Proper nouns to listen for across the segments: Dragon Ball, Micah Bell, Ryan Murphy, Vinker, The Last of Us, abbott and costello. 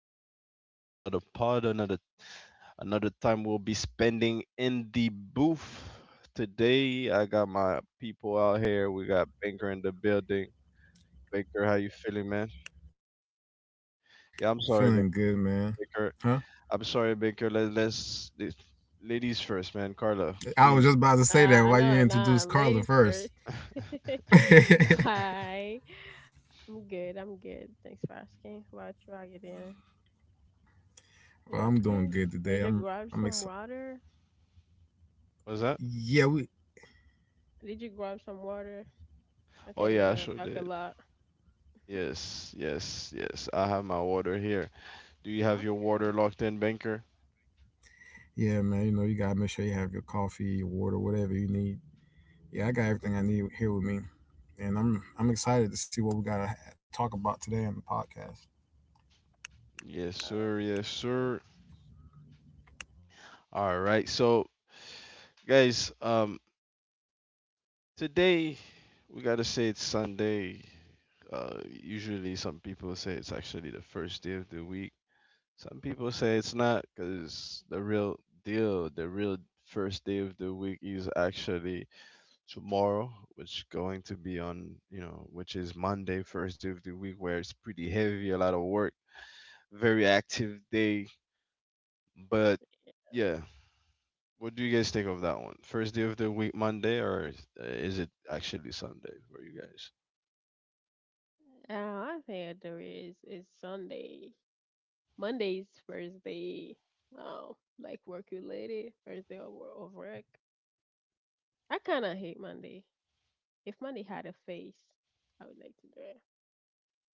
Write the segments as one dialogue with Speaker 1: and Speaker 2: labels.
Speaker 1: another day, another pod, another time we'll be spending in the booth. Today I got my people out here. We got Baker in the building. Baker, how you feeling, man? Yeah, I'm sorry, Ba-
Speaker 2: Feeling good, man.
Speaker 1: Baker.
Speaker 2: Huh?
Speaker 1: I'm sorry, Baker. Ladies first, man. Carla,
Speaker 2: I was
Speaker 1: please.
Speaker 2: just about to say that.
Speaker 3: Uh,
Speaker 2: Why you
Speaker 3: no, no,
Speaker 2: introduce Carla
Speaker 3: ladies first.
Speaker 2: first? Well,
Speaker 3: Hi, I'm good. I'm good. Thanks for asking. How about you? How you doing? You
Speaker 2: I'm doing
Speaker 3: okay?
Speaker 1: Mm,
Speaker 2: good today.
Speaker 3: Did you
Speaker 2: I'm
Speaker 3: grab
Speaker 2: I'm
Speaker 3: some
Speaker 2: excited.
Speaker 3: water?
Speaker 1: what's that?
Speaker 2: Yeah, we.
Speaker 3: Did you grab some water? I
Speaker 1: Oh
Speaker 3: think we're
Speaker 1: yeah, I
Speaker 3: gonna
Speaker 1: sure
Speaker 3: talk a
Speaker 1: did.
Speaker 3: lot.
Speaker 1: Yes, yes, yes. I have my water here. Do you have your water
Speaker 3: Okay.
Speaker 1: locked in, Baker?
Speaker 2: Yeah, man. You know, you gotta make sure you have your coffee, your water, whatever you need. Yeah, I got everything I
Speaker 3: Mhm.
Speaker 2: need here with me, and I'm excited to see what we talk about today on the podcast.
Speaker 1: Yes,
Speaker 3: Oh,
Speaker 1: sir. Yes, sir.
Speaker 3: first.
Speaker 1: All right. Guys, today we gotta say it's Sunday. Usually some people say it's actually the first day of the week. Some people say it's not because the real deal, the real first day of the week is actually tomorrow, which going to be on, you know, which is Monday, first day of the week, where it's pretty heavy, a lot of work, very active day. But yeah, what do you guys think of that one? First day of the week, Monday, or is it actually Sunday for you guys?
Speaker 3: I think I do is Sunday. Monday's first day. Um, like work related, first day of, of work. I kind of hate Monday. If Monday had a face, I would like to do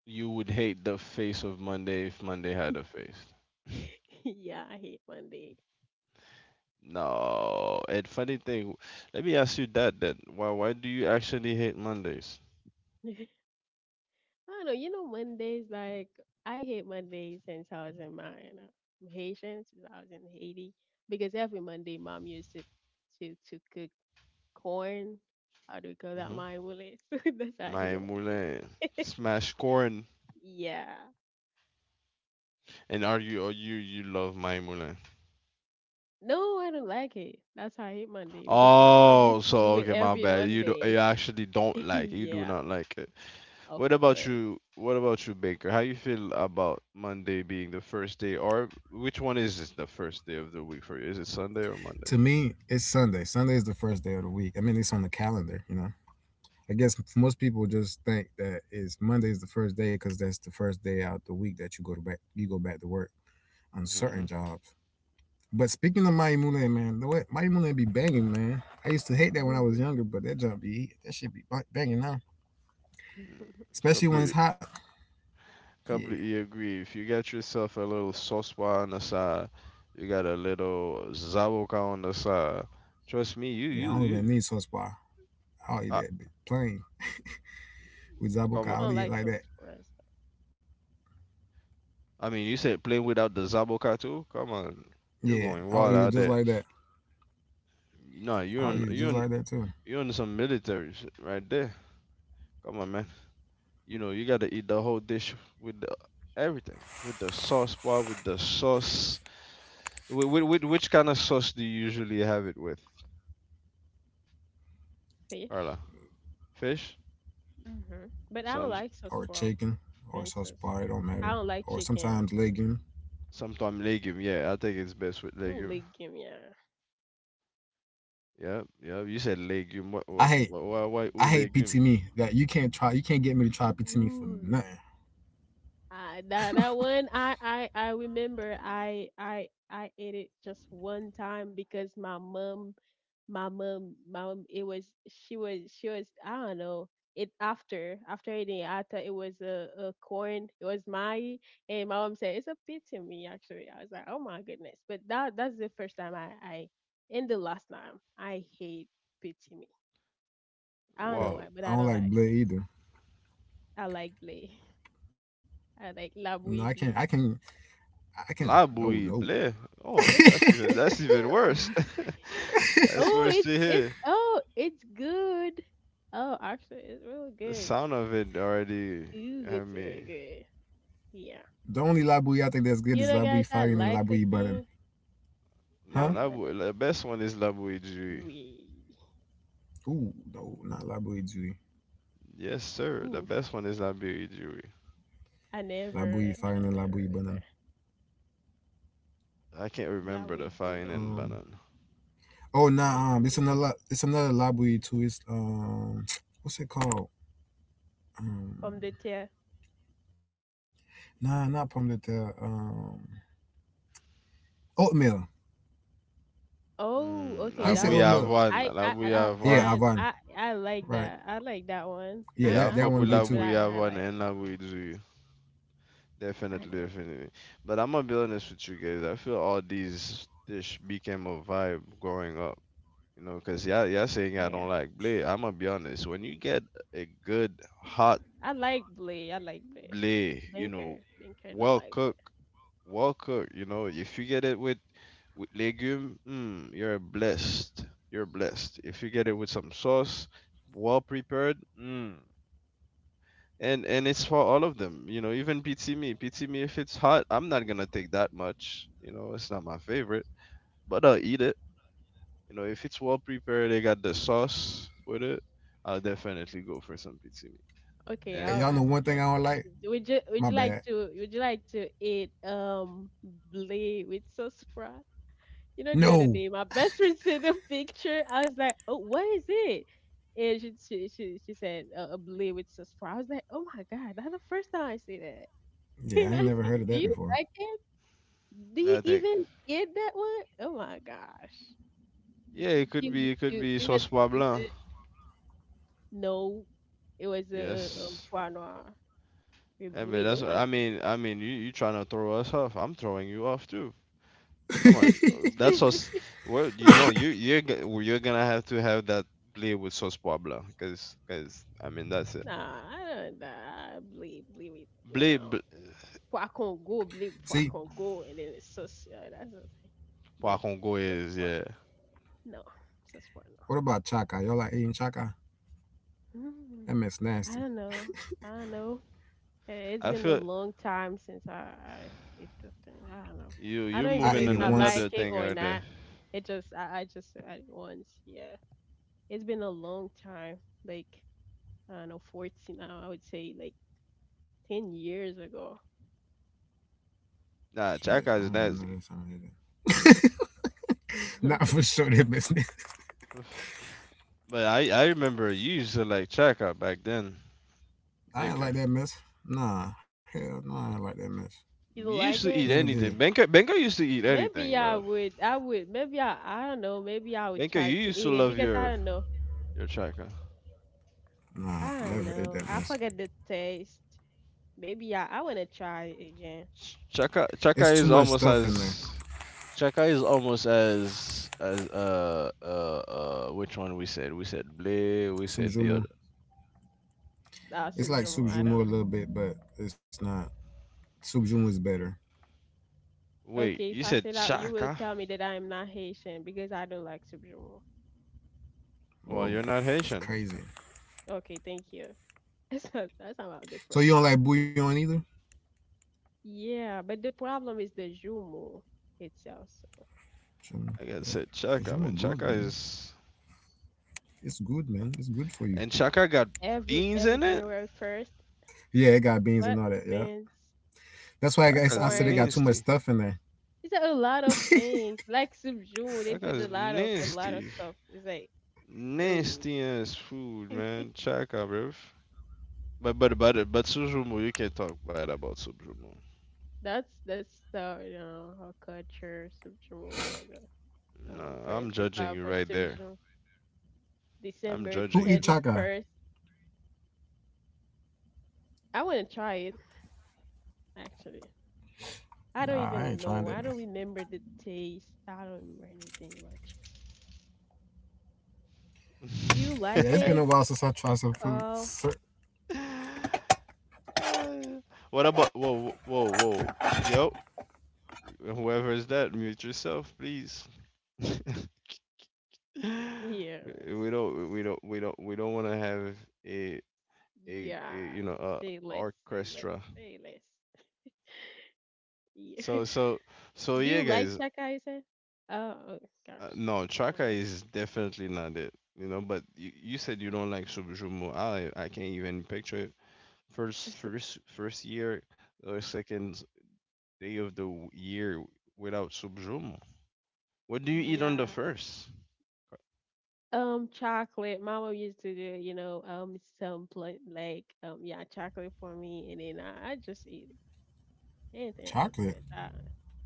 Speaker 1: You would hate the face of Monday if Monday had a face.
Speaker 3: it. Yeah, I hate Monday.
Speaker 1: No. And funny thing, let me ask you that then. Why do you actually hate Mondays?
Speaker 3: I don't know. You know, Mondays, like, I hate Mondays since I was in my you I'm Haitian, since I was in Haiti. Because every Monday, mom used to to cook corn. How do you call that?
Speaker 1: Mm-hmm.
Speaker 3: My willet. That's how I
Speaker 1: My
Speaker 3: hate
Speaker 1: Moulin.
Speaker 3: Monday.
Speaker 1: Smash corn.
Speaker 3: Yeah.
Speaker 1: And are you or you love my Moulin?
Speaker 3: No, I don't like it. That's how I hate Monday because my mom
Speaker 1: Oh,
Speaker 3: used to
Speaker 1: so
Speaker 3: do it
Speaker 1: okay, my
Speaker 3: every
Speaker 1: bad. You do
Speaker 3: Monday.
Speaker 1: you actually don't like it. You do
Speaker 3: Yeah,
Speaker 1: not like it.
Speaker 3: of
Speaker 1: What about
Speaker 3: course.
Speaker 1: you? What about you, Baker? How you feel about Monday being the first day, or which one is it the first day of the week for you? Is it Sunday or Monday?
Speaker 2: To me, it's Sunday. Sunday is the first day of the week. I mean, it's on the calendar. You know, I guess most people just think that it's Monday is the first day because that's the first day out the week that you go to back you go back to work on
Speaker 1: Mm-hmm.
Speaker 2: certain jobs. But speaking of Maimune, man, the way Maimune be banging, man. I used to hate that when I was younger, but that shit be banging now, especially when it's
Speaker 1: Completely,
Speaker 2: hot. Yeah,
Speaker 1: completely agree. If you got yourself a little sospa on the side, you got a little zaboka on the side. Trust me, you,
Speaker 2: yeah. I
Speaker 1: you,
Speaker 2: don't even
Speaker 1: you.
Speaker 2: need sauce bar. I'll eat
Speaker 1: I,
Speaker 2: that bit plain with zabuka.
Speaker 1: come on.
Speaker 3: I
Speaker 2: I'll
Speaker 3: don't
Speaker 2: eat it
Speaker 3: like
Speaker 2: like
Speaker 3: sauce
Speaker 2: that.
Speaker 3: for us.
Speaker 1: I mean, you said playing without the zaboka too. Come on, you're
Speaker 2: Yeah,
Speaker 1: going
Speaker 2: I'll eat
Speaker 1: wild
Speaker 2: it
Speaker 1: out
Speaker 2: just
Speaker 1: there.
Speaker 2: like that.
Speaker 1: No,
Speaker 2: I'll eat it just like that too.
Speaker 1: you're on some military shit right there. Come on, man. You
Speaker 3: Mm,
Speaker 1: know, you gotta eat the whole dish with everything, with the sauce bar, with the sauce. With which kind of sauce do you usually have it with,
Speaker 3: fish.
Speaker 1: Arla? Fish?
Speaker 3: Hmm. But I don't
Speaker 1: Some
Speaker 3: like sauce
Speaker 2: Or
Speaker 3: for
Speaker 2: chicken, or sauce
Speaker 3: expenses.
Speaker 2: bar. It don't
Speaker 3: I
Speaker 2: matter.
Speaker 3: don't like
Speaker 2: Or
Speaker 3: chicken.
Speaker 2: sometimes
Speaker 3: Also.
Speaker 2: legume.
Speaker 1: Sometime legume. Yeah, I think it's best with
Speaker 3: Ooh,
Speaker 1: legume.
Speaker 3: leg give me a
Speaker 1: Yeah, yeah. You said legume.
Speaker 2: I hate
Speaker 1: What why
Speaker 2: I
Speaker 1: ooh
Speaker 2: hate PT
Speaker 1: legume?
Speaker 2: me. That you can't try. You can't get me to try PT me for
Speaker 3: ooh.
Speaker 2: nothing.
Speaker 3: That that one I remember I ate it just one time because my mom, it was she was she was I don't know, it after eating it, I thought it was a corn, it was my. And my mom said it's a pizza me, actually. I was like, oh my goodness. But that, that's the first time I and the last time I hate pizza me. I don't know
Speaker 1: Wow.
Speaker 3: why, but I
Speaker 2: I
Speaker 3: don't
Speaker 2: don't
Speaker 3: like
Speaker 2: like
Speaker 3: it.
Speaker 2: blood either.
Speaker 3: I like blé. I like
Speaker 2: No, I
Speaker 3: labouille
Speaker 2: can't. I
Speaker 3: blé.
Speaker 2: can. I can.
Speaker 1: La
Speaker 2: Not Oh
Speaker 1: bouillie
Speaker 2: no.
Speaker 1: blé. Oh,
Speaker 3: Oh, it's this.
Speaker 1: that's even worse. That's
Speaker 3: Oh,
Speaker 1: worse to
Speaker 3: it's
Speaker 1: hear.
Speaker 3: oh, it's good. Oh, actually, it's really
Speaker 1: The
Speaker 3: good.
Speaker 1: sound of it already
Speaker 3: Ooh,
Speaker 1: had
Speaker 3: it's really
Speaker 1: me.
Speaker 3: good. Yeah.
Speaker 2: The only Labui I think that's good is
Speaker 3: You know,
Speaker 2: Labui
Speaker 3: guys, I
Speaker 2: Firing and
Speaker 3: like
Speaker 2: Labui Banan.
Speaker 3: cooking. Now
Speaker 1: No,
Speaker 2: Huh?
Speaker 3: we banana.
Speaker 1: the best one is la bouillie.
Speaker 3: We.
Speaker 2: Ooh, no, not Labui Judy.
Speaker 1: Yes, sir. The
Speaker 3: Oof.
Speaker 1: best one is Labiri.
Speaker 3: I
Speaker 2: Labui
Speaker 3: never,
Speaker 2: Firing and
Speaker 3: I
Speaker 2: Labui Banan.
Speaker 3: never.
Speaker 1: I can't
Speaker 3: La
Speaker 1: remember
Speaker 3: we
Speaker 1: the
Speaker 3: from
Speaker 1: fine
Speaker 3: the te.
Speaker 1: and
Speaker 2: Um.
Speaker 1: banan.
Speaker 2: Oh
Speaker 3: La we
Speaker 2: nah.
Speaker 3: from
Speaker 2: It's
Speaker 3: the te.
Speaker 2: another. It's another Labui too. It's. What's it called?
Speaker 3: From
Speaker 2: Um.
Speaker 3: the te.
Speaker 2: Nah, not Pomdata. Oatmeal.
Speaker 3: Oh,
Speaker 2: How
Speaker 1: Mm,
Speaker 2: you
Speaker 3: okay,
Speaker 2: say
Speaker 1: Labu
Speaker 3: that
Speaker 2: oatmeal?
Speaker 3: one.
Speaker 1: Yavon.
Speaker 3: I, I
Speaker 1: Labu
Speaker 3: I have
Speaker 2: Yeah,
Speaker 1: Yavon.
Speaker 3: one.
Speaker 2: Avon.
Speaker 3: I like
Speaker 2: Right.
Speaker 3: that. I like that one.
Speaker 2: Yeah,
Speaker 3: Not
Speaker 1: Yeah, I
Speaker 2: that
Speaker 3: not
Speaker 2: that
Speaker 1: fuck
Speaker 2: one
Speaker 3: too
Speaker 1: with
Speaker 2: good
Speaker 3: much, but
Speaker 1: Labu
Speaker 2: too.
Speaker 3: I kind of
Speaker 1: Yavon
Speaker 3: like.
Speaker 1: and Labu Jui.
Speaker 3: I
Speaker 1: Definitely,
Speaker 3: never.
Speaker 1: definitely. But I'm gonna be honest with you guys. I feel all these dish became a vibe growing up. You know, cause y'all saying I don't
Speaker 3: Yeah.
Speaker 1: like blé. I'm gonna be honest. When you get a good hot
Speaker 3: I like Blade. I like Blade.
Speaker 1: blé, you know,
Speaker 3: Banker, banker don't
Speaker 1: well
Speaker 3: like Blade.
Speaker 1: cooked, well cooked. You know, if you get it with legume, mm, you're blessed. You're blessed. If you get it with some sauce, well prepared, mm. And it's for all of them. You know, even pizza me. Pizza me if it's hot, I'm not gonna take that much. You know, it's not my favorite, but I'll eat it. You know, if it's well prepared, they got the sauce with it. I'll definitely go for some pizza me.
Speaker 3: Okay,
Speaker 2: And
Speaker 3: I'll
Speaker 1: And
Speaker 2: y'all know
Speaker 3: ask
Speaker 2: one
Speaker 3: you.
Speaker 2: thing I don't like.
Speaker 3: Would you
Speaker 2: My
Speaker 3: would you like
Speaker 2: bad.
Speaker 3: to would you like to eat Blade with sauce pra? You know the other
Speaker 2: No.
Speaker 3: day, my best friend sent a picture. I was like, oh, what is it? And she said a Blade with sauce pra. I was like, oh my god, that's the first time I see that.
Speaker 2: Yeah, I
Speaker 3: And
Speaker 2: ain't
Speaker 3: I
Speaker 2: never
Speaker 3: said,
Speaker 2: heard of
Speaker 3: do
Speaker 2: that
Speaker 3: you
Speaker 2: before.
Speaker 3: like it? Do you
Speaker 1: I think,
Speaker 3: even get that one? Oh my gosh.
Speaker 1: yeah,
Speaker 3: You want
Speaker 1: it could
Speaker 3: to
Speaker 1: be
Speaker 3: you want
Speaker 1: sauce poivre
Speaker 3: to taste
Speaker 1: blanc.
Speaker 3: it? No, it was a
Speaker 1: Yes.
Speaker 3: Pois Noir with
Speaker 1: Yeah, but
Speaker 3: Blee. Oh
Speaker 1: that's
Speaker 3: my goodness.
Speaker 1: I mean you you trying to throw us off. I'm throwing you off too. Come on,
Speaker 3: That shit,
Speaker 1: that
Speaker 3: she's,
Speaker 1: sauce. Well, you no, you you're you're gonna have to have that blé with sauce poivre, cause cause I mean that's it.
Speaker 3: nah, I don't, nah, Blee with
Speaker 1: Blé bl-
Speaker 3: Pois Congo, Blee, with
Speaker 2: See,
Speaker 3: Pois Congo, and then it's sauce. Yeah, that's the thing. But
Speaker 1: Congo
Speaker 3: sauce
Speaker 1: is
Speaker 3: Pois,
Speaker 1: yeah.
Speaker 3: no, sauce Pois,
Speaker 2: what about chaka? Y'all like eating chaka?
Speaker 3: no.
Speaker 2: That mess
Speaker 3: Hmm, I
Speaker 2: nasty.
Speaker 3: don't know. I don't know. Eh,
Speaker 1: I
Speaker 3: it's been
Speaker 1: feel
Speaker 3: a long time since I ate the thing. I don't know.
Speaker 1: you
Speaker 3: I
Speaker 1: you're
Speaker 3: don't
Speaker 2: I
Speaker 3: even know
Speaker 1: moving
Speaker 2: ate
Speaker 3: if
Speaker 2: it
Speaker 1: on
Speaker 3: I
Speaker 2: once.
Speaker 3: like
Speaker 1: another
Speaker 3: it
Speaker 1: thing
Speaker 3: or
Speaker 1: out there.
Speaker 3: not. It just, I just had it once. Yeah. It's been a long time, like I don't know, 14 now, I would say like 10 years ago.
Speaker 1: Nah,
Speaker 2: Shit, I
Speaker 1: Chaka
Speaker 2: don't
Speaker 1: is
Speaker 2: even know
Speaker 1: nasty.
Speaker 2: this. I ate it.
Speaker 3: You
Speaker 2: Not for sure that mess. Nasty.
Speaker 1: Oof. But I remember you used to like Chaka back then,
Speaker 2: I ain't like
Speaker 1: Banker.
Speaker 2: that mess. Nah, hell no, nah, I ain't like that mess.
Speaker 3: don't
Speaker 1: You used
Speaker 3: like
Speaker 1: to eat
Speaker 3: it?
Speaker 2: Never did.
Speaker 1: anything. Banker used to eat
Speaker 3: Maybe
Speaker 1: anything,
Speaker 3: I
Speaker 1: bro.
Speaker 3: would, I would, maybe I, I don't know, maybe I would
Speaker 1: Banker,
Speaker 3: try
Speaker 1: you
Speaker 3: to
Speaker 1: used to
Speaker 3: eat it
Speaker 1: love
Speaker 3: because I don't know,
Speaker 1: your Chaka.
Speaker 3: I
Speaker 2: Nah,
Speaker 3: don't
Speaker 2: never ate that
Speaker 3: know, I
Speaker 2: mess.
Speaker 3: forget the taste. Maybe I want to try it again.
Speaker 1: Chaka
Speaker 2: It's too
Speaker 1: Chaka
Speaker 2: much
Speaker 1: is almost
Speaker 2: stuff in there.
Speaker 1: as Chaka is almost as which one we said? We said Blay, we
Speaker 2: Soup
Speaker 1: said the other.
Speaker 2: jumu.
Speaker 3: That's
Speaker 2: It's like
Speaker 3: subjumal,
Speaker 2: soup
Speaker 3: I don't.
Speaker 2: jumu a little bit, but it's not. Soup jumu is better.
Speaker 1: Wait,
Speaker 3: Okay, if
Speaker 1: you
Speaker 3: I
Speaker 1: said
Speaker 3: say that, you will
Speaker 1: Chaka?
Speaker 3: tell me that I am not Haitian because I don't like subjumal.
Speaker 1: Well,
Speaker 2: Whoa,
Speaker 1: you're not
Speaker 2: that's
Speaker 1: Haitian.
Speaker 2: crazy.
Speaker 3: Okay, thank you. That's not about the
Speaker 2: So
Speaker 3: first
Speaker 2: you don't
Speaker 3: time.
Speaker 2: like bouillon either?
Speaker 3: Yeah, but the problem is the Jumu itself. So
Speaker 2: Jumu,
Speaker 1: I guess said Chaka,
Speaker 2: Jumu
Speaker 1: man.
Speaker 2: good,
Speaker 1: Chaka
Speaker 2: man.
Speaker 1: is
Speaker 2: It's good, man. It's good for you.
Speaker 1: and Chaka got
Speaker 3: every
Speaker 1: beans
Speaker 3: every
Speaker 1: in it.
Speaker 3: January first,
Speaker 2: Yeah, it got beans and
Speaker 3: what
Speaker 2: all that. Yeah.
Speaker 3: beans,
Speaker 2: That's why I guess I
Speaker 1: Chaka's
Speaker 2: said it got
Speaker 3: corn.
Speaker 2: too much
Speaker 1: nasty.
Speaker 2: stuff in there.
Speaker 3: It's a lot of things. Like some they put
Speaker 1: Chaka's
Speaker 3: a lot of
Speaker 1: nasty.
Speaker 3: stuff. It's like ooh,
Speaker 1: Nasty ass food, man. Chaka, bruv. But Suzumu, you can't talk bad about Suzumu.
Speaker 3: that's how you know our culture some Jumu will go.
Speaker 1: Nah, I'm
Speaker 3: Prepare
Speaker 1: judging you
Speaker 3: for
Speaker 1: right
Speaker 3: some
Speaker 1: there. I'm
Speaker 3: December
Speaker 1: judging
Speaker 2: Who eat
Speaker 1: you.
Speaker 3: thirty
Speaker 2: chaka?
Speaker 3: first. I want to try it actually. I
Speaker 2: Nah,
Speaker 3: don't
Speaker 2: I
Speaker 3: even
Speaker 2: ain't trying
Speaker 3: know.
Speaker 2: that,
Speaker 3: I
Speaker 2: man.
Speaker 3: don't remember the taste. I don't remember anything about. Do you
Speaker 2: Yeah,
Speaker 3: like
Speaker 2: it's been a
Speaker 3: it?
Speaker 2: while since I tried some food.
Speaker 3: Call
Speaker 2: Sir,
Speaker 1: Uh, what about whoa whoa whoa yo, whoever is that, mute yourself please. we
Speaker 3: here.
Speaker 1: we don't we don't we don't we don't want to have a, a
Speaker 3: Yeah.
Speaker 1: you know a
Speaker 3: Say less. Say less.
Speaker 1: orchestra.
Speaker 3: Say less. Yeah.
Speaker 1: So so so
Speaker 3: Do
Speaker 1: yeah
Speaker 3: you like
Speaker 1: guys,
Speaker 3: Chaka? You said. Oh oh, gosh.
Speaker 1: no,
Speaker 3: My
Speaker 1: Chaka
Speaker 3: bad.
Speaker 1: is definitely not it, you know, but you said you don't like Subjumu. I can't even picture it. First first first year or second day of the year without subjumo. What do you eat on the
Speaker 3: Yeah.
Speaker 1: first?
Speaker 3: Chocolate. Mama used to do, you know, some like, yeah, chocolate for me, and then I just eat anything.
Speaker 2: chocolate.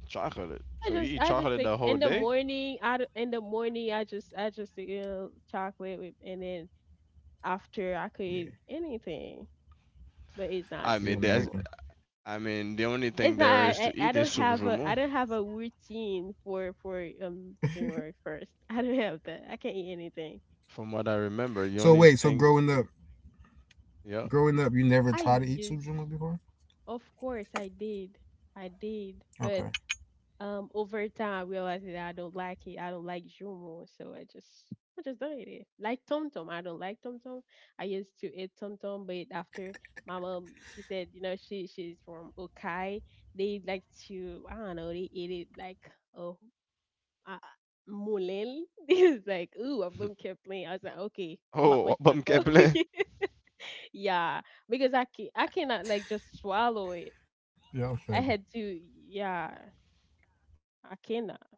Speaker 1: Chocolate. So you eat
Speaker 3: I just
Speaker 1: chocolate
Speaker 3: think
Speaker 1: the whole
Speaker 3: in the
Speaker 1: day?
Speaker 3: morning, in the morning, I just eat you know, chocolate, with, and then after I could
Speaker 2: Yeah,
Speaker 3: eat anything. But it's not
Speaker 1: I
Speaker 2: she
Speaker 1: mean, that's,
Speaker 3: subgenre.
Speaker 2: American.
Speaker 1: I mean, the only thing
Speaker 3: It's not.
Speaker 1: there is to
Speaker 3: I
Speaker 1: eat is
Speaker 3: don't have a.
Speaker 1: subjumo.
Speaker 3: I don't have a routine for January first. I don't have that. I can't eat anything.
Speaker 1: From what I remember, the
Speaker 2: So
Speaker 1: only
Speaker 2: wait, so
Speaker 1: thing, yeah.
Speaker 2: growing up, you never
Speaker 3: I
Speaker 2: tried to eat
Speaker 3: used,
Speaker 2: sujuma before?
Speaker 3: of course, I did. I did. But
Speaker 2: Okay.
Speaker 3: over time, I realized that I don't like it. I don't like Jumo, so I just don't eat it. Like Tom Tom, I don't like Tom Tom. I used to eat Tom Tom, but after my mom, she said, you know, she's from Okai. They like to I don't know. They eat it like a uh, Mulel. This is like, ooh, Abum kept playing. I was like, okay, but
Speaker 1: Oh,
Speaker 3: much
Speaker 1: bum
Speaker 3: local.
Speaker 1: Kepler.
Speaker 3: Yeah, because I cannot like just swallow it.
Speaker 2: Yeah, I'm fed.
Speaker 3: I had to, yeah, I cannot.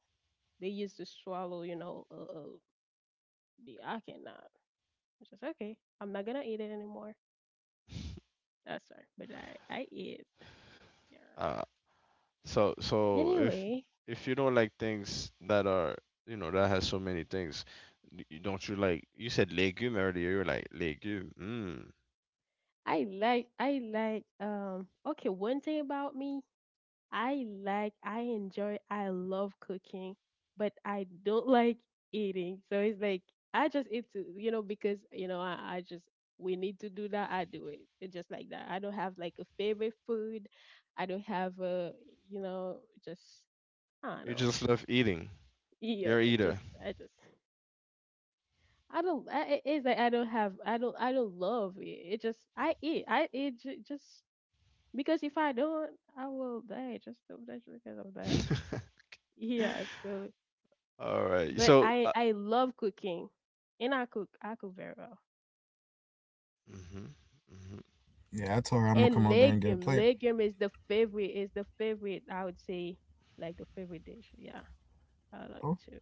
Speaker 3: They used to swallow, you know, I cannot. It's just okay. I'm not gonna eat it anymore. Oh, sorry, but I eat. Yeah.
Speaker 1: Uh, so
Speaker 3: Anyway,
Speaker 1: if you don't like things that are you know that has so many things, don't you like, you said legume earlier? You're like legume. Mm.
Speaker 3: I like okay, one thing about me: I like, I enjoy, I love cooking, but I don't like eating. So it's like I just eat to, you know, because you know I just we need to do that. I do it. It's just like that. I don't have like a favorite food. I don't have a, you know, just I don't
Speaker 1: You
Speaker 3: know.
Speaker 1: just love eating.
Speaker 3: Yeah,
Speaker 1: You're a eater.
Speaker 3: just I don't. It's like I don't have. I don't. I don't love it. It just I eat. Just because if I don't, I will die. Just that's because of that. Yeah, so
Speaker 1: All right.
Speaker 3: but I love cooking, and I cook very well.
Speaker 1: Mhm, mhm.
Speaker 2: Yeah, I told her I'm gonna come
Speaker 3: And
Speaker 2: up there and get a plate.
Speaker 3: legume is the favorite. Is the favorite I would say, like the favorite dish. Yeah, I like
Speaker 2: Oh,
Speaker 3: to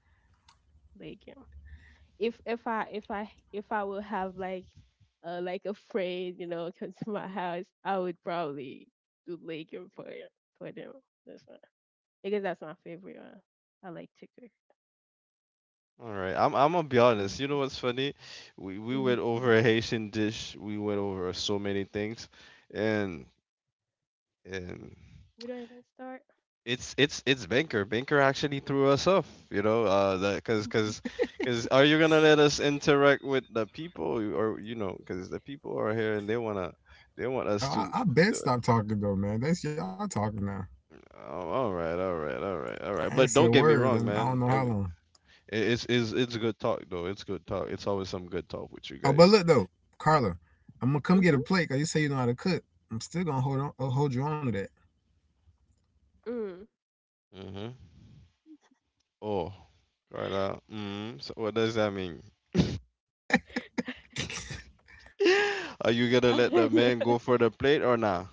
Speaker 3: legume. If I would have like a friend, you know, come to my house, I would probably do legume for it for them. That's my because that's my favorite. One. I like to cook.
Speaker 1: All right. I'm gonna be honest. You know what's funny? We
Speaker 3: Hmm
Speaker 1: went
Speaker 3: hmm.
Speaker 1: over a Haitian dish. We went over so many things, and and
Speaker 3: We don't even start.
Speaker 1: it's Banker. Banker actually threw us off. You know, that cause are you gonna let us interact with the people or you know, cause the people are here and they wanna they want
Speaker 2: oh,
Speaker 1: us to.
Speaker 2: I been
Speaker 1: to-
Speaker 2: stop talking though, man. That's y'all talking now.
Speaker 1: Oh, all
Speaker 2: I
Speaker 1: right.
Speaker 2: ain't said
Speaker 1: But
Speaker 2: a
Speaker 1: don't get me
Speaker 2: word,
Speaker 1: wrong,
Speaker 2: and I don't know
Speaker 1: man.
Speaker 2: how long.
Speaker 1: It's good talk though. It's good talk. It's always some good talk with you
Speaker 2: Oh, but
Speaker 1: guys.
Speaker 2: look though, Carla, I'm gonna come get a plate. Cause you say you know how to cook. I'm still gonna hold you on to that.
Speaker 3: Mm-hmm.
Speaker 1: Mm-hmm. Oh, Carla. Mm, so what does that mean? Are you gonna let the
Speaker 3: Mm.
Speaker 1: man go for the plate or nah?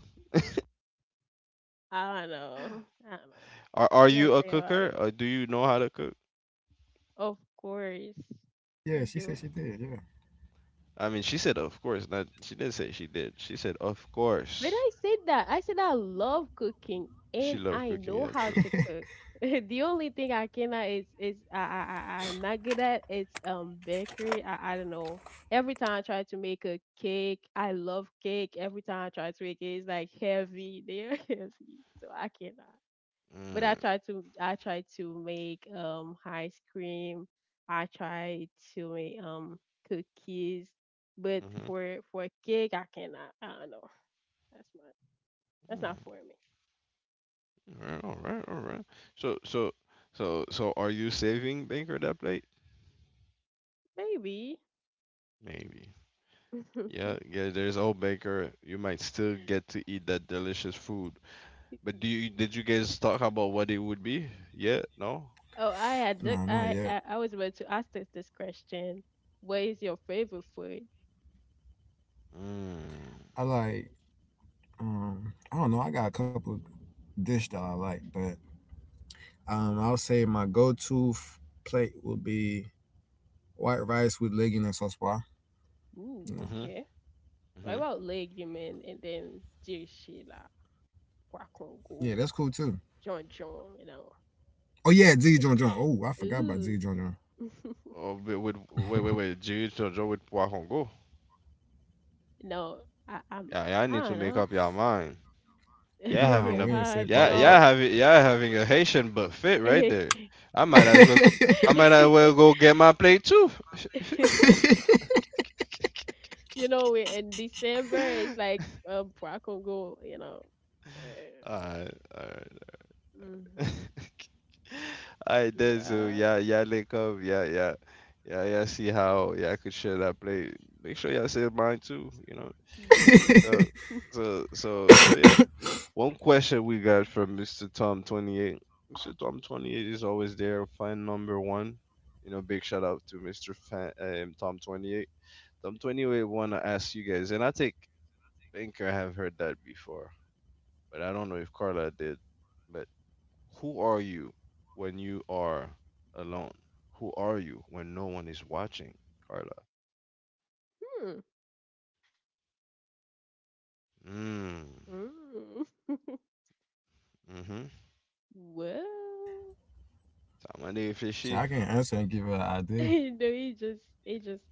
Speaker 3: I don't know. I don't know.
Speaker 1: Are
Speaker 3: You gotta
Speaker 1: you a
Speaker 3: think about
Speaker 1: cooker
Speaker 3: it.
Speaker 1: or do you know how to cook?
Speaker 3: Of course, I
Speaker 2: Yeah, she
Speaker 3: do.
Speaker 2: said she did. Yeah.
Speaker 1: I mean, she said of course. Not she didn't say she did. She said of
Speaker 3: But
Speaker 1: course.
Speaker 3: I said that. I said I love cooking
Speaker 1: She
Speaker 3: and
Speaker 1: loved
Speaker 3: I
Speaker 1: cooking.
Speaker 3: know
Speaker 1: Yeah,
Speaker 3: how
Speaker 1: true.
Speaker 3: to cook. The only thing I cannot is is I'm not good at it's bakery. I don't know. Every time I try to make a cake, I love cake. Every time I try to make it, it's like heavy. They are heavy, so I cannot. But
Speaker 1: Mm,
Speaker 3: I try to make ice cream. I try to make cookies, but
Speaker 1: mm-hmm.
Speaker 3: for a cake I cannot. I don't know. That's my that's not for me.
Speaker 1: Mm, all right. So so so are you saving Banker that plate?
Speaker 3: Maybe.
Speaker 1: Maybe. Yeah, yeah, there's Old Baker. You might still get to eat that delicious food. But do you did you guys talk about what it would be? Yeah, no?
Speaker 3: Oh, I had ju-
Speaker 2: No, not yet.
Speaker 3: I was about to ask this question. What is your favorite food?
Speaker 1: Mm.
Speaker 2: I like I don't know, I got a couple dish that I like, but I'll say my plate will be white rice with legging and sauce bar.
Speaker 3: Ooh,
Speaker 2: You know.
Speaker 1: Mm-hmm.
Speaker 3: okay. What
Speaker 1: Mm-hmm.
Speaker 3: about legume and then Dear Sheila,
Speaker 2: Yeah, that's cool too.
Speaker 3: John John, you know?
Speaker 2: Oh yeah, Z John John. Oh, I forgot about
Speaker 3: Ooh.
Speaker 2: Z John John.
Speaker 1: Oh, but with wait, wait, wait. Jiu Jitsu with Poisson Go.
Speaker 3: No, I, I'm.
Speaker 1: Yeah, yeah, I
Speaker 3: I
Speaker 1: need to
Speaker 3: don't
Speaker 1: make
Speaker 3: know.
Speaker 1: up your mind. Yeah,
Speaker 2: Nah,
Speaker 1: having a
Speaker 2: we ain't say Pac on
Speaker 3: No.
Speaker 2: go.
Speaker 1: yeah, having a Haitian buffet right there. I might as well go, I might as well go get my plate too.
Speaker 3: You know, we in December it's like I can go. You know.
Speaker 1: All right, all
Speaker 3: Hmm.
Speaker 1: right. I did so
Speaker 3: Well.
Speaker 1: yeah, yeah, link up, yeah. See how yeah I could share that play. Make sure y'all save mine too. You know.
Speaker 3: Mhm.
Speaker 1: So so yeah. One question we got from Mr. Tom 28. Mr. Tom 28 is always there. Fan number one. You know, big shout out to Mr. Fan, Tom 28. Tom 28 want to ask you guys, and I think I have heard that before, but I don't know if Carla did. Who are you when you are alone? Who are you when no one is watching, Carla? Mm.
Speaker 3: Mm.
Speaker 1: Mm-hmm.
Speaker 3: Well.
Speaker 1: Somebody
Speaker 2: Shit,
Speaker 1: fishy.
Speaker 2: I can answer and give her an idea.
Speaker 3: No, he just.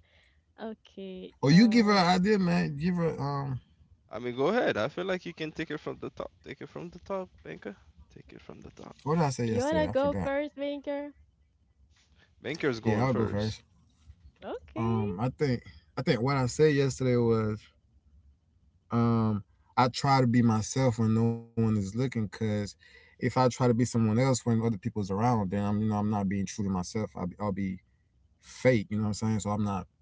Speaker 3: Okay.
Speaker 2: Oh, you give her an idea, man. Give her
Speaker 1: I mean, go ahead. I feel like you can take it from the top. Take it from the top, Banker. Take it from the top.
Speaker 2: what did I say
Speaker 3: You wanna
Speaker 2: yesterday? I
Speaker 3: go
Speaker 2: forgot.
Speaker 3: first, Vinker?
Speaker 1: Banker's
Speaker 2: Yeah,
Speaker 1: going
Speaker 2: I'll go
Speaker 1: first.
Speaker 2: first.
Speaker 3: Okay.
Speaker 2: Um I think I think what I said yesterday was Um, I try to be myself when no one is looking, cause if I try to be someone else when other people's around, then I'm you know I'm not being true to myself. I'll be fake. You know what I'm saying? So I'm not.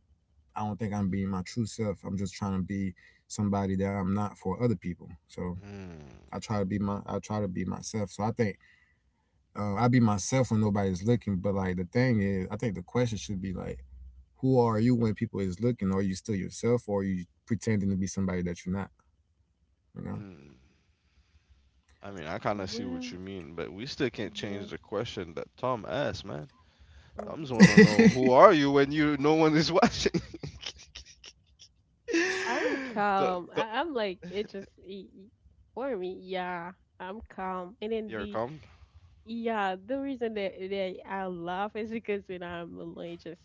Speaker 2: I don't think I'm being my true self. I'm just trying to be somebody that I'm not for other people. So
Speaker 1: Mm.
Speaker 2: I try to be my. I try to be myself. So I think I be myself when nobody's looking. But like the thing is, I think the question should be like, who are you when people is looking? Are you still yourself, or are you pretending to be somebody that you're not? You know.
Speaker 1: Mm. I mean, I kind of see what
Speaker 3: Well,
Speaker 1: you mean, but we still can't
Speaker 3: yeah.
Speaker 1: change the question that Tom asked, man.
Speaker 3: Mm-hmm.
Speaker 1: Tom's want to know who are you when you no one is watching.
Speaker 3: I'm
Speaker 1: the,
Speaker 3: calm.
Speaker 1: the,
Speaker 3: I'm like it just for me, yeah. I'm calm, and then
Speaker 1: here it
Speaker 3: the
Speaker 1: come.
Speaker 3: yeah the reason that, that I laugh is because when I'm alone, it just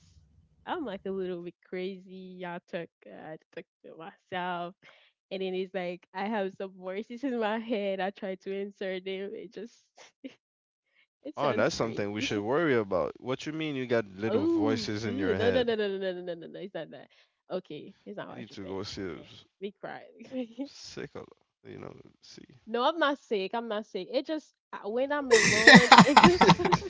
Speaker 3: I'm like a little bit crazy. I talk to myself, and then it's like I have some voices in my head. I try to insert them. It just it
Speaker 1: Oh,
Speaker 3: sounds
Speaker 1: that's
Speaker 3: crazy.
Speaker 1: something we should worry about. What you mean you got little
Speaker 3: Oh,
Speaker 1: voices in
Speaker 3: ooh,
Speaker 1: your
Speaker 3: no, no,
Speaker 1: head?
Speaker 3: no, no, no, no, no, no, no, no, it's not that. Okay, it's not
Speaker 1: You
Speaker 3: what
Speaker 1: need
Speaker 3: you
Speaker 1: to
Speaker 3: think.
Speaker 1: go see a
Speaker 3: Okay, be quiet.
Speaker 1: psycho, you know, see.
Speaker 3: No, I'm not sick. I'm not sick. It just when I'm alone, it just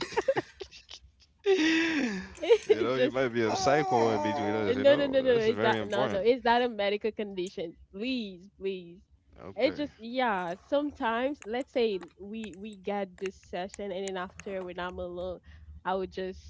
Speaker 1: You
Speaker 3: it
Speaker 1: know, you
Speaker 3: just
Speaker 1: might be a psycho in between us, you
Speaker 3: no no
Speaker 1: know?
Speaker 3: no no no.
Speaker 1: That's
Speaker 3: It's
Speaker 1: very
Speaker 3: not no.
Speaker 1: important.
Speaker 3: It's not a medical condition. Please please. It
Speaker 1: Okay.
Speaker 3: just yeah. Sometimes let's say we get this session and then after when I'm alone, I would just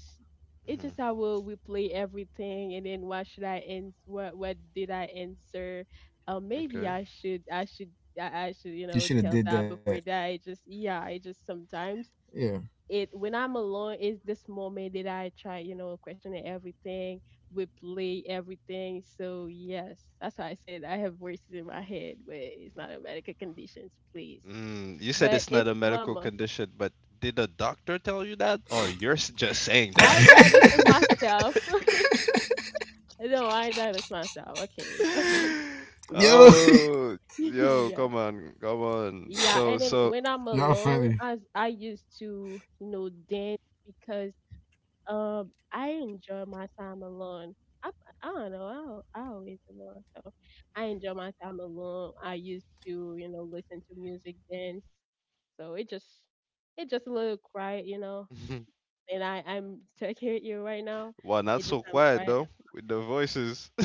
Speaker 3: it
Speaker 1: Hmm.
Speaker 3: just I will replay everything and then what should I ans what did I answer? Maybe
Speaker 1: Okay.
Speaker 3: I should I should I should, you know,
Speaker 2: You should
Speaker 3: tell
Speaker 2: have did
Speaker 3: that
Speaker 2: that.
Speaker 3: before that. It just yeah. It just sometimes.
Speaker 2: Yeah.
Speaker 3: It when I'm alone, it's this moment that I try, you know, questioning everything, replay everything. So yes, that's why I said I have voices in my head, but it's not a medical conditions, please.
Speaker 1: Mm, you said
Speaker 3: But
Speaker 1: it's not
Speaker 3: it's
Speaker 1: a medical
Speaker 3: Wama.
Speaker 1: condition, but did a doctor tell you that? Or just saying that?
Speaker 3: I diagnose myself. No, I diagnose myself. Okay, it's not.
Speaker 2: Yo,
Speaker 1: Oh, yo,
Speaker 3: yeah,
Speaker 1: come on, come on.
Speaker 3: yeah.
Speaker 1: So,
Speaker 3: And then
Speaker 1: so.
Speaker 3: when I'm
Speaker 2: y'all funny.
Speaker 3: alone, as I used to, you know, dance because I enjoy my time alone. I, I don't know. I always alone, so I enjoy my time alone. I used to, you know, listen to music, dance. So it just a little quiet, you know. And I'm talking with you right now.
Speaker 1: Well, not
Speaker 3: It just
Speaker 1: so
Speaker 3: I'm
Speaker 1: quiet
Speaker 3: quiet.
Speaker 1: though with the voices.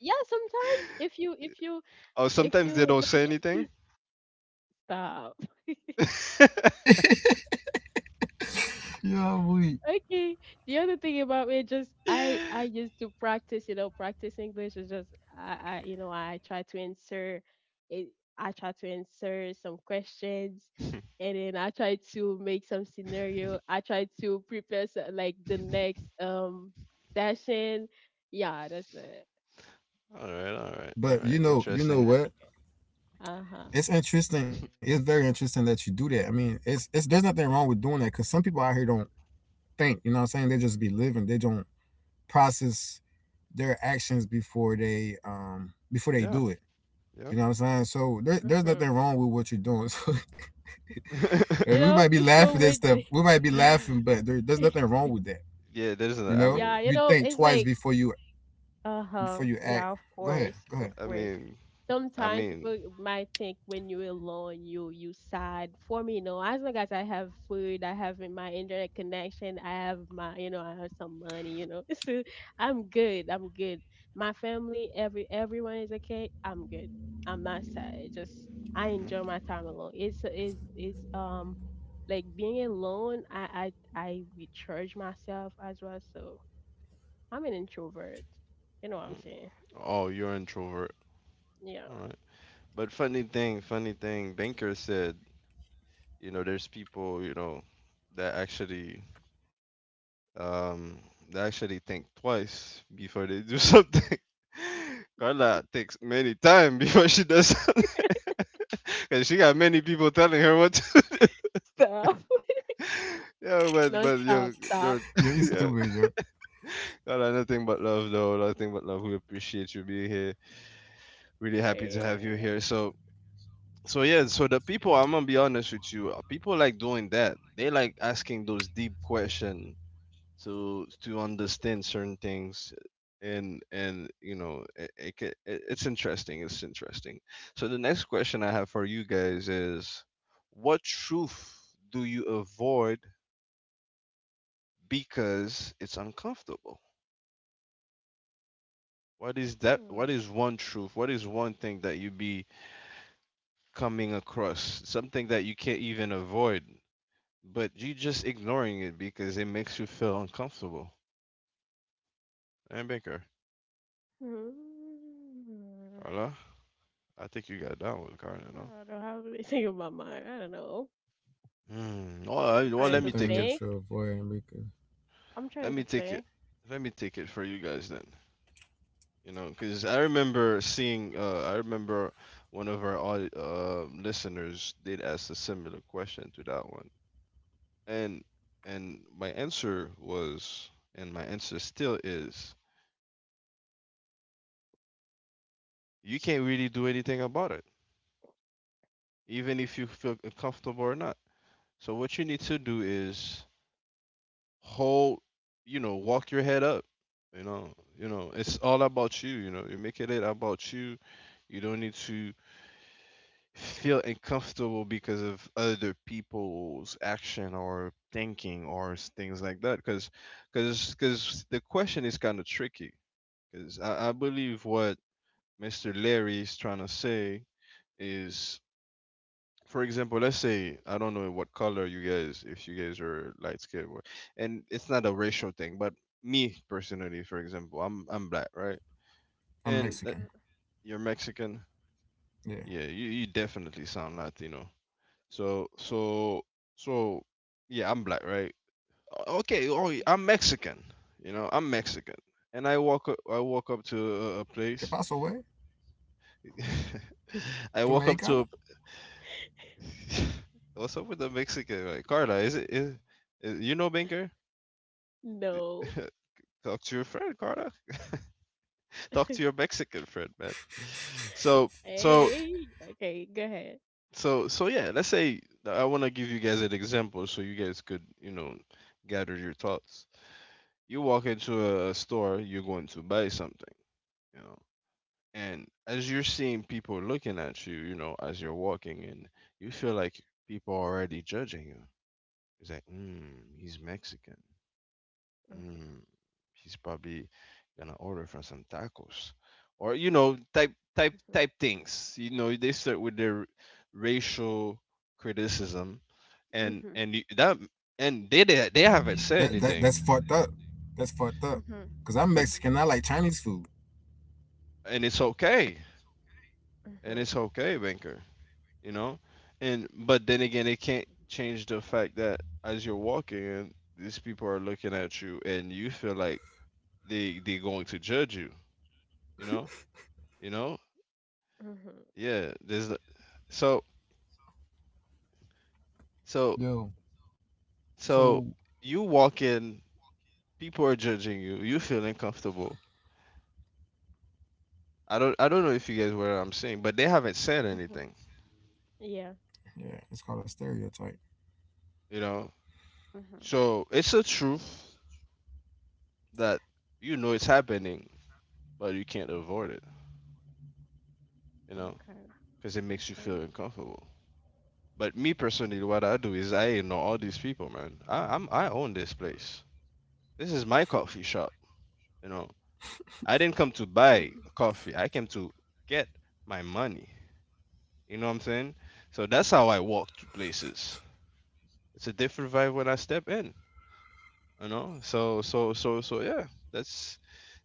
Speaker 3: Yeah, sometimes if you, if you,
Speaker 1: Oh,
Speaker 3: if
Speaker 1: sometimes
Speaker 3: you
Speaker 1: they
Speaker 3: like,
Speaker 1: don't say
Speaker 3: if you
Speaker 1: anything.
Speaker 3: stop.
Speaker 1: all
Speaker 2: Y'all weak.
Speaker 3: Okay. The other thing about me, just I used to practice, you know, practice English is just I, you know, it, I try to answer some questions, and then I try to make some scenario. I try to prepare so, like the next session. Yeah, that's it.
Speaker 1: all
Speaker 2: But
Speaker 1: right.
Speaker 2: you know
Speaker 1: Interesting.
Speaker 3: I
Speaker 2: what?
Speaker 3: think. Uh huh.
Speaker 2: It's interesting. It's very interesting that you do that. I mean, it's there's nothing wrong with doing that because some people out here don't think. You know what I'm saying? They just be living. They don't process their actions before they
Speaker 1: Yeah,
Speaker 2: do it. You
Speaker 1: yep.
Speaker 2: know what I'm saying? So there's nothing
Speaker 3: Mhm.
Speaker 2: wrong with what you're doing. So
Speaker 3: You
Speaker 2: and we
Speaker 3: know,
Speaker 2: might be
Speaker 3: people
Speaker 2: laughing at
Speaker 3: with
Speaker 2: stuff.
Speaker 3: the
Speaker 2: We might be
Speaker 1: yeah,
Speaker 2: laughing, but there's nothing wrong with that.
Speaker 1: there's.
Speaker 2: You know,
Speaker 3: yeah, you
Speaker 2: you
Speaker 3: know,
Speaker 2: think
Speaker 3: it's
Speaker 2: twice
Speaker 3: like
Speaker 2: before
Speaker 3: uh-huh.
Speaker 2: you
Speaker 3: Yeah,
Speaker 2: act.
Speaker 3: of
Speaker 2: Go ahead.
Speaker 3: course.
Speaker 2: Go
Speaker 3: Of
Speaker 2: ahead.
Speaker 1: I
Speaker 3: course.
Speaker 1: mean, I
Speaker 3: Sometimes
Speaker 1: mean.
Speaker 3: people might think when you're alone, you sad. For me, no. As long as I have food, I have my internet connection, I have my, you know, I have some money, you know. So I'm good. I'm good. My family, everyone is okay. I'm good. I'm not sad. It just I
Speaker 1: Hmm.
Speaker 3: enjoy my time alone. It's is like being alone. I recharge myself as well. So I'm an introvert. You know what I'm saying?
Speaker 1: Oh, you're introvert.
Speaker 3: Yeah.
Speaker 1: All right. But funny thing. Banker said, you know, there's people, you know, that actually Um, they actually think twice before they do something. Carla thinks many times before she does something, and she got many people telling her what to. Do.
Speaker 3: Stop.
Speaker 1: yeah, but
Speaker 3: No,
Speaker 1: but yo,
Speaker 3: stop, stop.
Speaker 1: no,
Speaker 2: Yo, you
Speaker 1: yeah,
Speaker 2: stupid, yo.
Speaker 1: Carla, nothing but love though, nothing but love. We appreciate you being here. Really happy to have you
Speaker 3: Yeah.
Speaker 1: here. So yeah, so the people, I'm gonna be honest with you, people like doing that. They like asking those deep questions to understand certain things and you know it it's interesting, it's interesting. So the next question I have for you guys is, what truth do you avoid because it's uncomfortable? What is that?
Speaker 3: Hmm.
Speaker 1: What is one truth? What is one thing that you be coming across something that you can't even avoid, but you just ignoring it because it makes you feel uncomfortable? And Baker,
Speaker 3: Hmm.
Speaker 1: Carla, I think you got that one, Carla, no?
Speaker 3: I don't have anything in my mind. I don't know.
Speaker 1: Mm. Well,
Speaker 3: I'm
Speaker 1: well,
Speaker 3: trying
Speaker 1: let me
Speaker 3: to
Speaker 1: take
Speaker 2: Something
Speaker 1: it.
Speaker 3: think.
Speaker 2: that you avoid because
Speaker 3: I'm
Speaker 1: Let
Speaker 3: trying to
Speaker 1: me take it.
Speaker 3: think.
Speaker 1: Let me take it for you guys then. You know, because I remember seeing. I remember one of our listeners did ask a similar question to that one, and and my answer was, and my answer still is, you can't really do anything about it, even if you feel comfortable or not. So what you need to do is hold, you know, walk your head up, you know, you know it's all about you, you know, you make it about you. You don't need to feel uncomfortable because of other people's action or thinking or things like that, because because the question is kind of tricky. Because I believe what Mr. Larry is trying to say is, for example, let's say I don't know what color you guys, if you guys are light skinned, and it's not a racial thing, but me personally, for example, I'm black, right?
Speaker 2: I'm
Speaker 1: And that,
Speaker 2: Mexican.
Speaker 3: Mm-hmm.
Speaker 1: you're Mexican,
Speaker 2: Yeah.
Speaker 1: yeah, you definitely sound Latino. So so so yeah, I'm black, right? Okay, oh, I'm
Speaker 3: Mm-hmm.
Speaker 1: Mexican, you know, I'm Mexican, and I walk up to a
Speaker 2: ¿Qué
Speaker 1: place,
Speaker 2: pasó, güey?
Speaker 1: I
Speaker 2: ¿Tú
Speaker 1: walk up to a,
Speaker 2: mexicano?
Speaker 1: what's up with the Mexican, right? Carla, is you know Banker?
Speaker 3: No.
Speaker 1: Talk to your friend, Carter. Talk to your Mexican friend, man. So, so,
Speaker 3: Hey. Okay, go ahead.
Speaker 1: yeah. Let's say I want to give you guys an example, so you guys could, you know, gather your thoughts. You walk into a store, you're going to buy something, you know, and as you're seeing people looking at you, you know, as you're walking in, you feel like people are already judging you. It's like, mm, he's Mexican. Mm, he's probably gonna order for some tacos, or you know, type type
Speaker 3: Mm-hmm.
Speaker 1: type things. You know, they start with their racial criticism, and
Speaker 3: Mm-hmm.
Speaker 1: that and they haven't said
Speaker 2: That
Speaker 1: anything,
Speaker 2: that's fucked up. That's fucked up.
Speaker 3: Mm-hmm.
Speaker 2: Cause I'm
Speaker 1: but
Speaker 3: Mm-hmm.
Speaker 2: Mexican. I like Chinese food.
Speaker 1: and it's okay, and
Speaker 3: Mm-hmm.
Speaker 1: it's okay, Banker. You know, and but then again, it can't change the fact that as you're walking and these people are looking at you, and you feel like they're going to judge you. You know, you know,
Speaker 3: Mm-hmm.
Speaker 1: yeah. So So
Speaker 2: Yo.
Speaker 1: so
Speaker 2: So
Speaker 1: you walk in, people are judging you. You feel uncomfortable. I don't know if you guys were what I'm saying, but they haven't said
Speaker 3: Mm-hmm.
Speaker 1: anything,
Speaker 3: Yeah.
Speaker 2: yeah, it's called a stereotype.
Speaker 1: you know.
Speaker 3: Mm-hmm.
Speaker 1: So it's a truth that you know it's happening, but you can't avoid it, you know,
Speaker 3: Okay.
Speaker 1: because it makes you feel
Speaker 3: Okay.
Speaker 1: uncomfortable. But me personally, what I do is I ignore all these people, man. I own this place. This is my coffee shop, you know. I didn't come to buy
Speaker 3: Mm-hmm.
Speaker 1: coffee. I came to get my money. You know what I'm saying? So that's how I walk to places. It's a different vibe when I step in. You know? So yeah. That's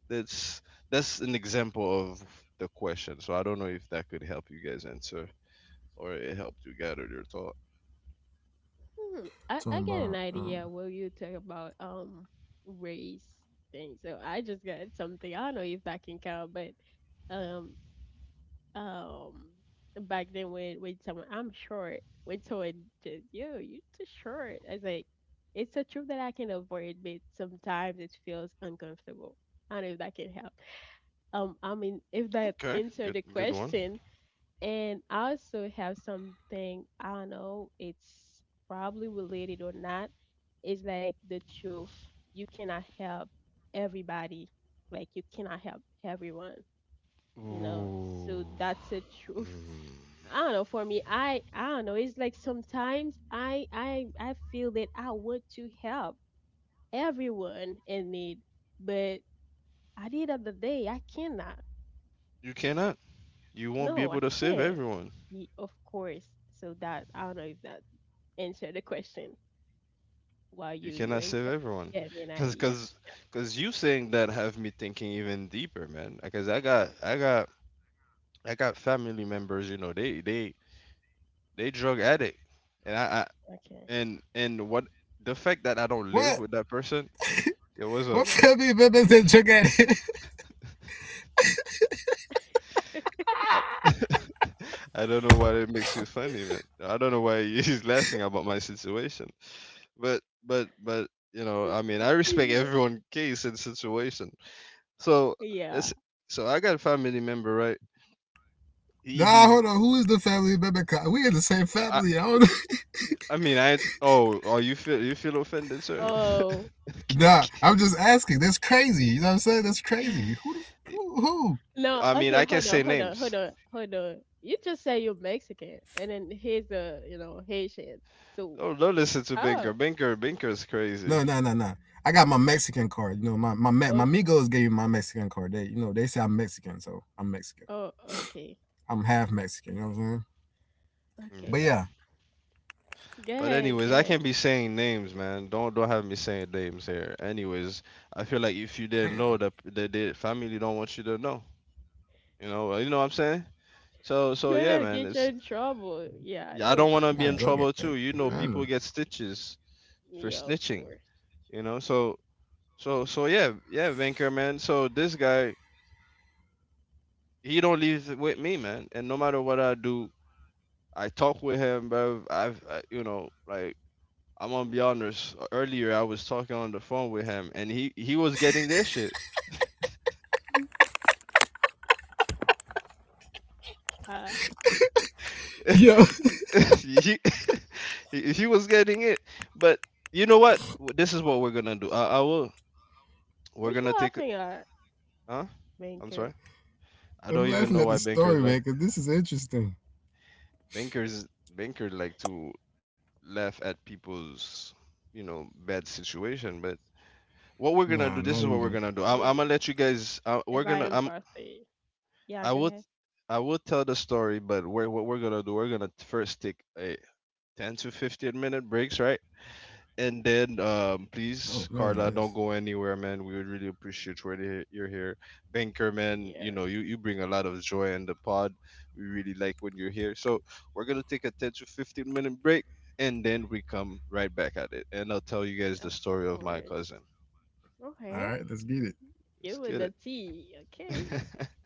Speaker 1: that's that's an example of the question. So I don't know if that could help you guys answer or it helped you gather your thought.
Speaker 3: Hmm, I,
Speaker 2: Talking
Speaker 3: I get
Speaker 2: about
Speaker 3: an
Speaker 2: um.
Speaker 3: idea what you talk about, race thing. So I just got something. I don't know if that can count, but um um, back then when someone I'm short, when someone just yo, you're too short. I was like, it's a truth that I can avoid, but sometimes it feels uncomfortable. I don't know if that can help. I mean, if that
Speaker 1: Okay,
Speaker 3: answered
Speaker 1: good
Speaker 3: the
Speaker 1: good one.
Speaker 3: question, and I also have something, I don't know, it's probably related or not. It's like the truth. You cannot help everybody. Like you cannot help everyone, you know. So
Speaker 1: Ooh.
Speaker 3: that's the truth.
Speaker 1: Mm.
Speaker 3: I don't know, for me, I don't know. It's like sometimes I feel that I want to help everyone in need, but at the end of the day, I cannot.
Speaker 1: You cannot. You won't be
Speaker 3: No, I
Speaker 1: able to save
Speaker 3: can't.
Speaker 1: everyone.
Speaker 3: Ye- Of course. So that I don't know if that answer the question while
Speaker 1: You
Speaker 3: you
Speaker 1: cannot save
Speaker 3: answer, you
Speaker 1: everyone.
Speaker 3: get me an
Speaker 1: Cause,
Speaker 3: idea.
Speaker 1: cause, cause, you saying that have me thinking even deeper, man. Because I got family members, you know, they they drug addict, and I
Speaker 3: Okay,
Speaker 1: and what the fact that I don't
Speaker 2: What?
Speaker 1: live with that person, it was
Speaker 2: What
Speaker 1: a.
Speaker 3: yeah.
Speaker 2: family members did you get?
Speaker 1: I, I don't know why it makes you funny, man. I don't know why he's laughing about my situation, but but you know, I mean, I respect
Speaker 3: Yeah,
Speaker 1: everyone's case and situation. So
Speaker 3: yeah.
Speaker 1: that's so I got a family member, right? He
Speaker 2: Nah,
Speaker 1: he's.
Speaker 2: hold on. Who is the family member? 'Cause we in the same
Speaker 1: I, I
Speaker 2: family. I don't know.
Speaker 1: I mean I, oh oh you feel offended, sir?
Speaker 3: Oh,
Speaker 2: Nah,
Speaker 1: Okay,
Speaker 2: I'm just asking. That's crazy. You know what I'm saying? That's
Speaker 1: okay.
Speaker 2: crazy. Who the f- who? Who?
Speaker 3: no,
Speaker 1: I mean,
Speaker 3: okay,
Speaker 1: I can
Speaker 3: hold on,
Speaker 1: say
Speaker 3: hold on,
Speaker 1: names.
Speaker 3: hold on, hold on, you just say you're Mexican and then he's a, you know, Haitian, so.
Speaker 1: Don't listen to
Speaker 3: Oh,
Speaker 1: Binker. Binker is crazy.
Speaker 2: No, no, no, no. I got my Mexican card. You know, my
Speaker 3: okay.
Speaker 2: amigos gave me my Mexican card. They, you know, they say I'm Mexican, so I'm Mexican.
Speaker 3: Oh, okay.
Speaker 2: I'm half Mexican. You know what I'm saying?
Speaker 3: Okay,
Speaker 2: But
Speaker 1: Yeah.
Speaker 3: gotcha.
Speaker 2: yeah,
Speaker 3: Go
Speaker 1: But
Speaker 3: ahead,
Speaker 1: anyways,
Speaker 3: go
Speaker 1: I
Speaker 3: ahead.
Speaker 1: can't be saying names, man. Don't have me saying names here. Anyways, I feel like if you didn't know
Speaker 2: damn,
Speaker 1: that the family don't want you to know. You know, you know what I'm saying? So so
Speaker 3: You're
Speaker 1: yeah,
Speaker 3: gonna
Speaker 1: man.
Speaker 3: get you
Speaker 1: It's
Speaker 3: in trouble, yeah, that
Speaker 1: yeah, I don't
Speaker 3: looks
Speaker 1: want to
Speaker 2: I
Speaker 1: be
Speaker 2: got a
Speaker 1: in
Speaker 3: insane.
Speaker 2: drug
Speaker 1: trouble
Speaker 2: addict
Speaker 1: too.
Speaker 2: in the
Speaker 1: You know,
Speaker 3: Mm,
Speaker 2: family.
Speaker 1: people get stitches for
Speaker 3: yeah, of
Speaker 1: snitching.
Speaker 3: course.
Speaker 1: You know, so yeah yeah Binker, man. So this guy, he don't leave it with me, man. And no matter what I do, I talk with him, bro. You know, like I'm gonna be honest. Earlier, I was talking on the phone with him, and he was getting this shit.
Speaker 3: Uh,
Speaker 2: Yo,
Speaker 1: he, he was getting it. But you know what? This is what we're gonna do. I will. We're
Speaker 3: we're
Speaker 1: gonna take.
Speaker 3: laughing at
Speaker 1: Huh? I'm
Speaker 3: Banker.
Speaker 1: sorry. I don't
Speaker 2: I'm
Speaker 1: even
Speaker 2: laughing
Speaker 1: know
Speaker 2: at
Speaker 1: why
Speaker 2: the
Speaker 1: bankers
Speaker 2: story,
Speaker 1: like
Speaker 2: man, because this is interesting.
Speaker 1: bankers like to laugh at people's you know bad situation. But what we're
Speaker 2: Nah,
Speaker 1: gonna do?
Speaker 2: not
Speaker 1: This is what
Speaker 2: even.
Speaker 1: we're gonna do.
Speaker 3: Yeah,
Speaker 1: I'm gonna
Speaker 3: yeah.
Speaker 1: let you guys. We're gonna.
Speaker 3: Ryan
Speaker 1: I'm
Speaker 3: Murphy. Yeah,
Speaker 1: I
Speaker 3: go
Speaker 1: would
Speaker 3: ahead.
Speaker 1: I would tell the story, but we're, what we're gonna do, we're gonna first take a 10 to 15 minute breaks, right? And then,
Speaker 2: Oh
Speaker 1: please,
Speaker 2: man,
Speaker 1: Carla,
Speaker 2: that's
Speaker 1: don't go anywhere, man. We would really appreciate you're here. Banker, man, you
Speaker 3: Yeah,
Speaker 1: know, you bring a lot of joy in the pod. We really like when you're here. So we're gonna take a 10 to 15 minute break, and then we come right back at it. And I'll tell you guys
Speaker 3: of
Speaker 1: the story of my
Speaker 3: course.
Speaker 1: cousin.
Speaker 2: all right.
Speaker 3: Okay.
Speaker 2: Let's get it.
Speaker 1: Let's
Speaker 3: You with
Speaker 1: get
Speaker 3: the
Speaker 1: it.
Speaker 3: T. Okay.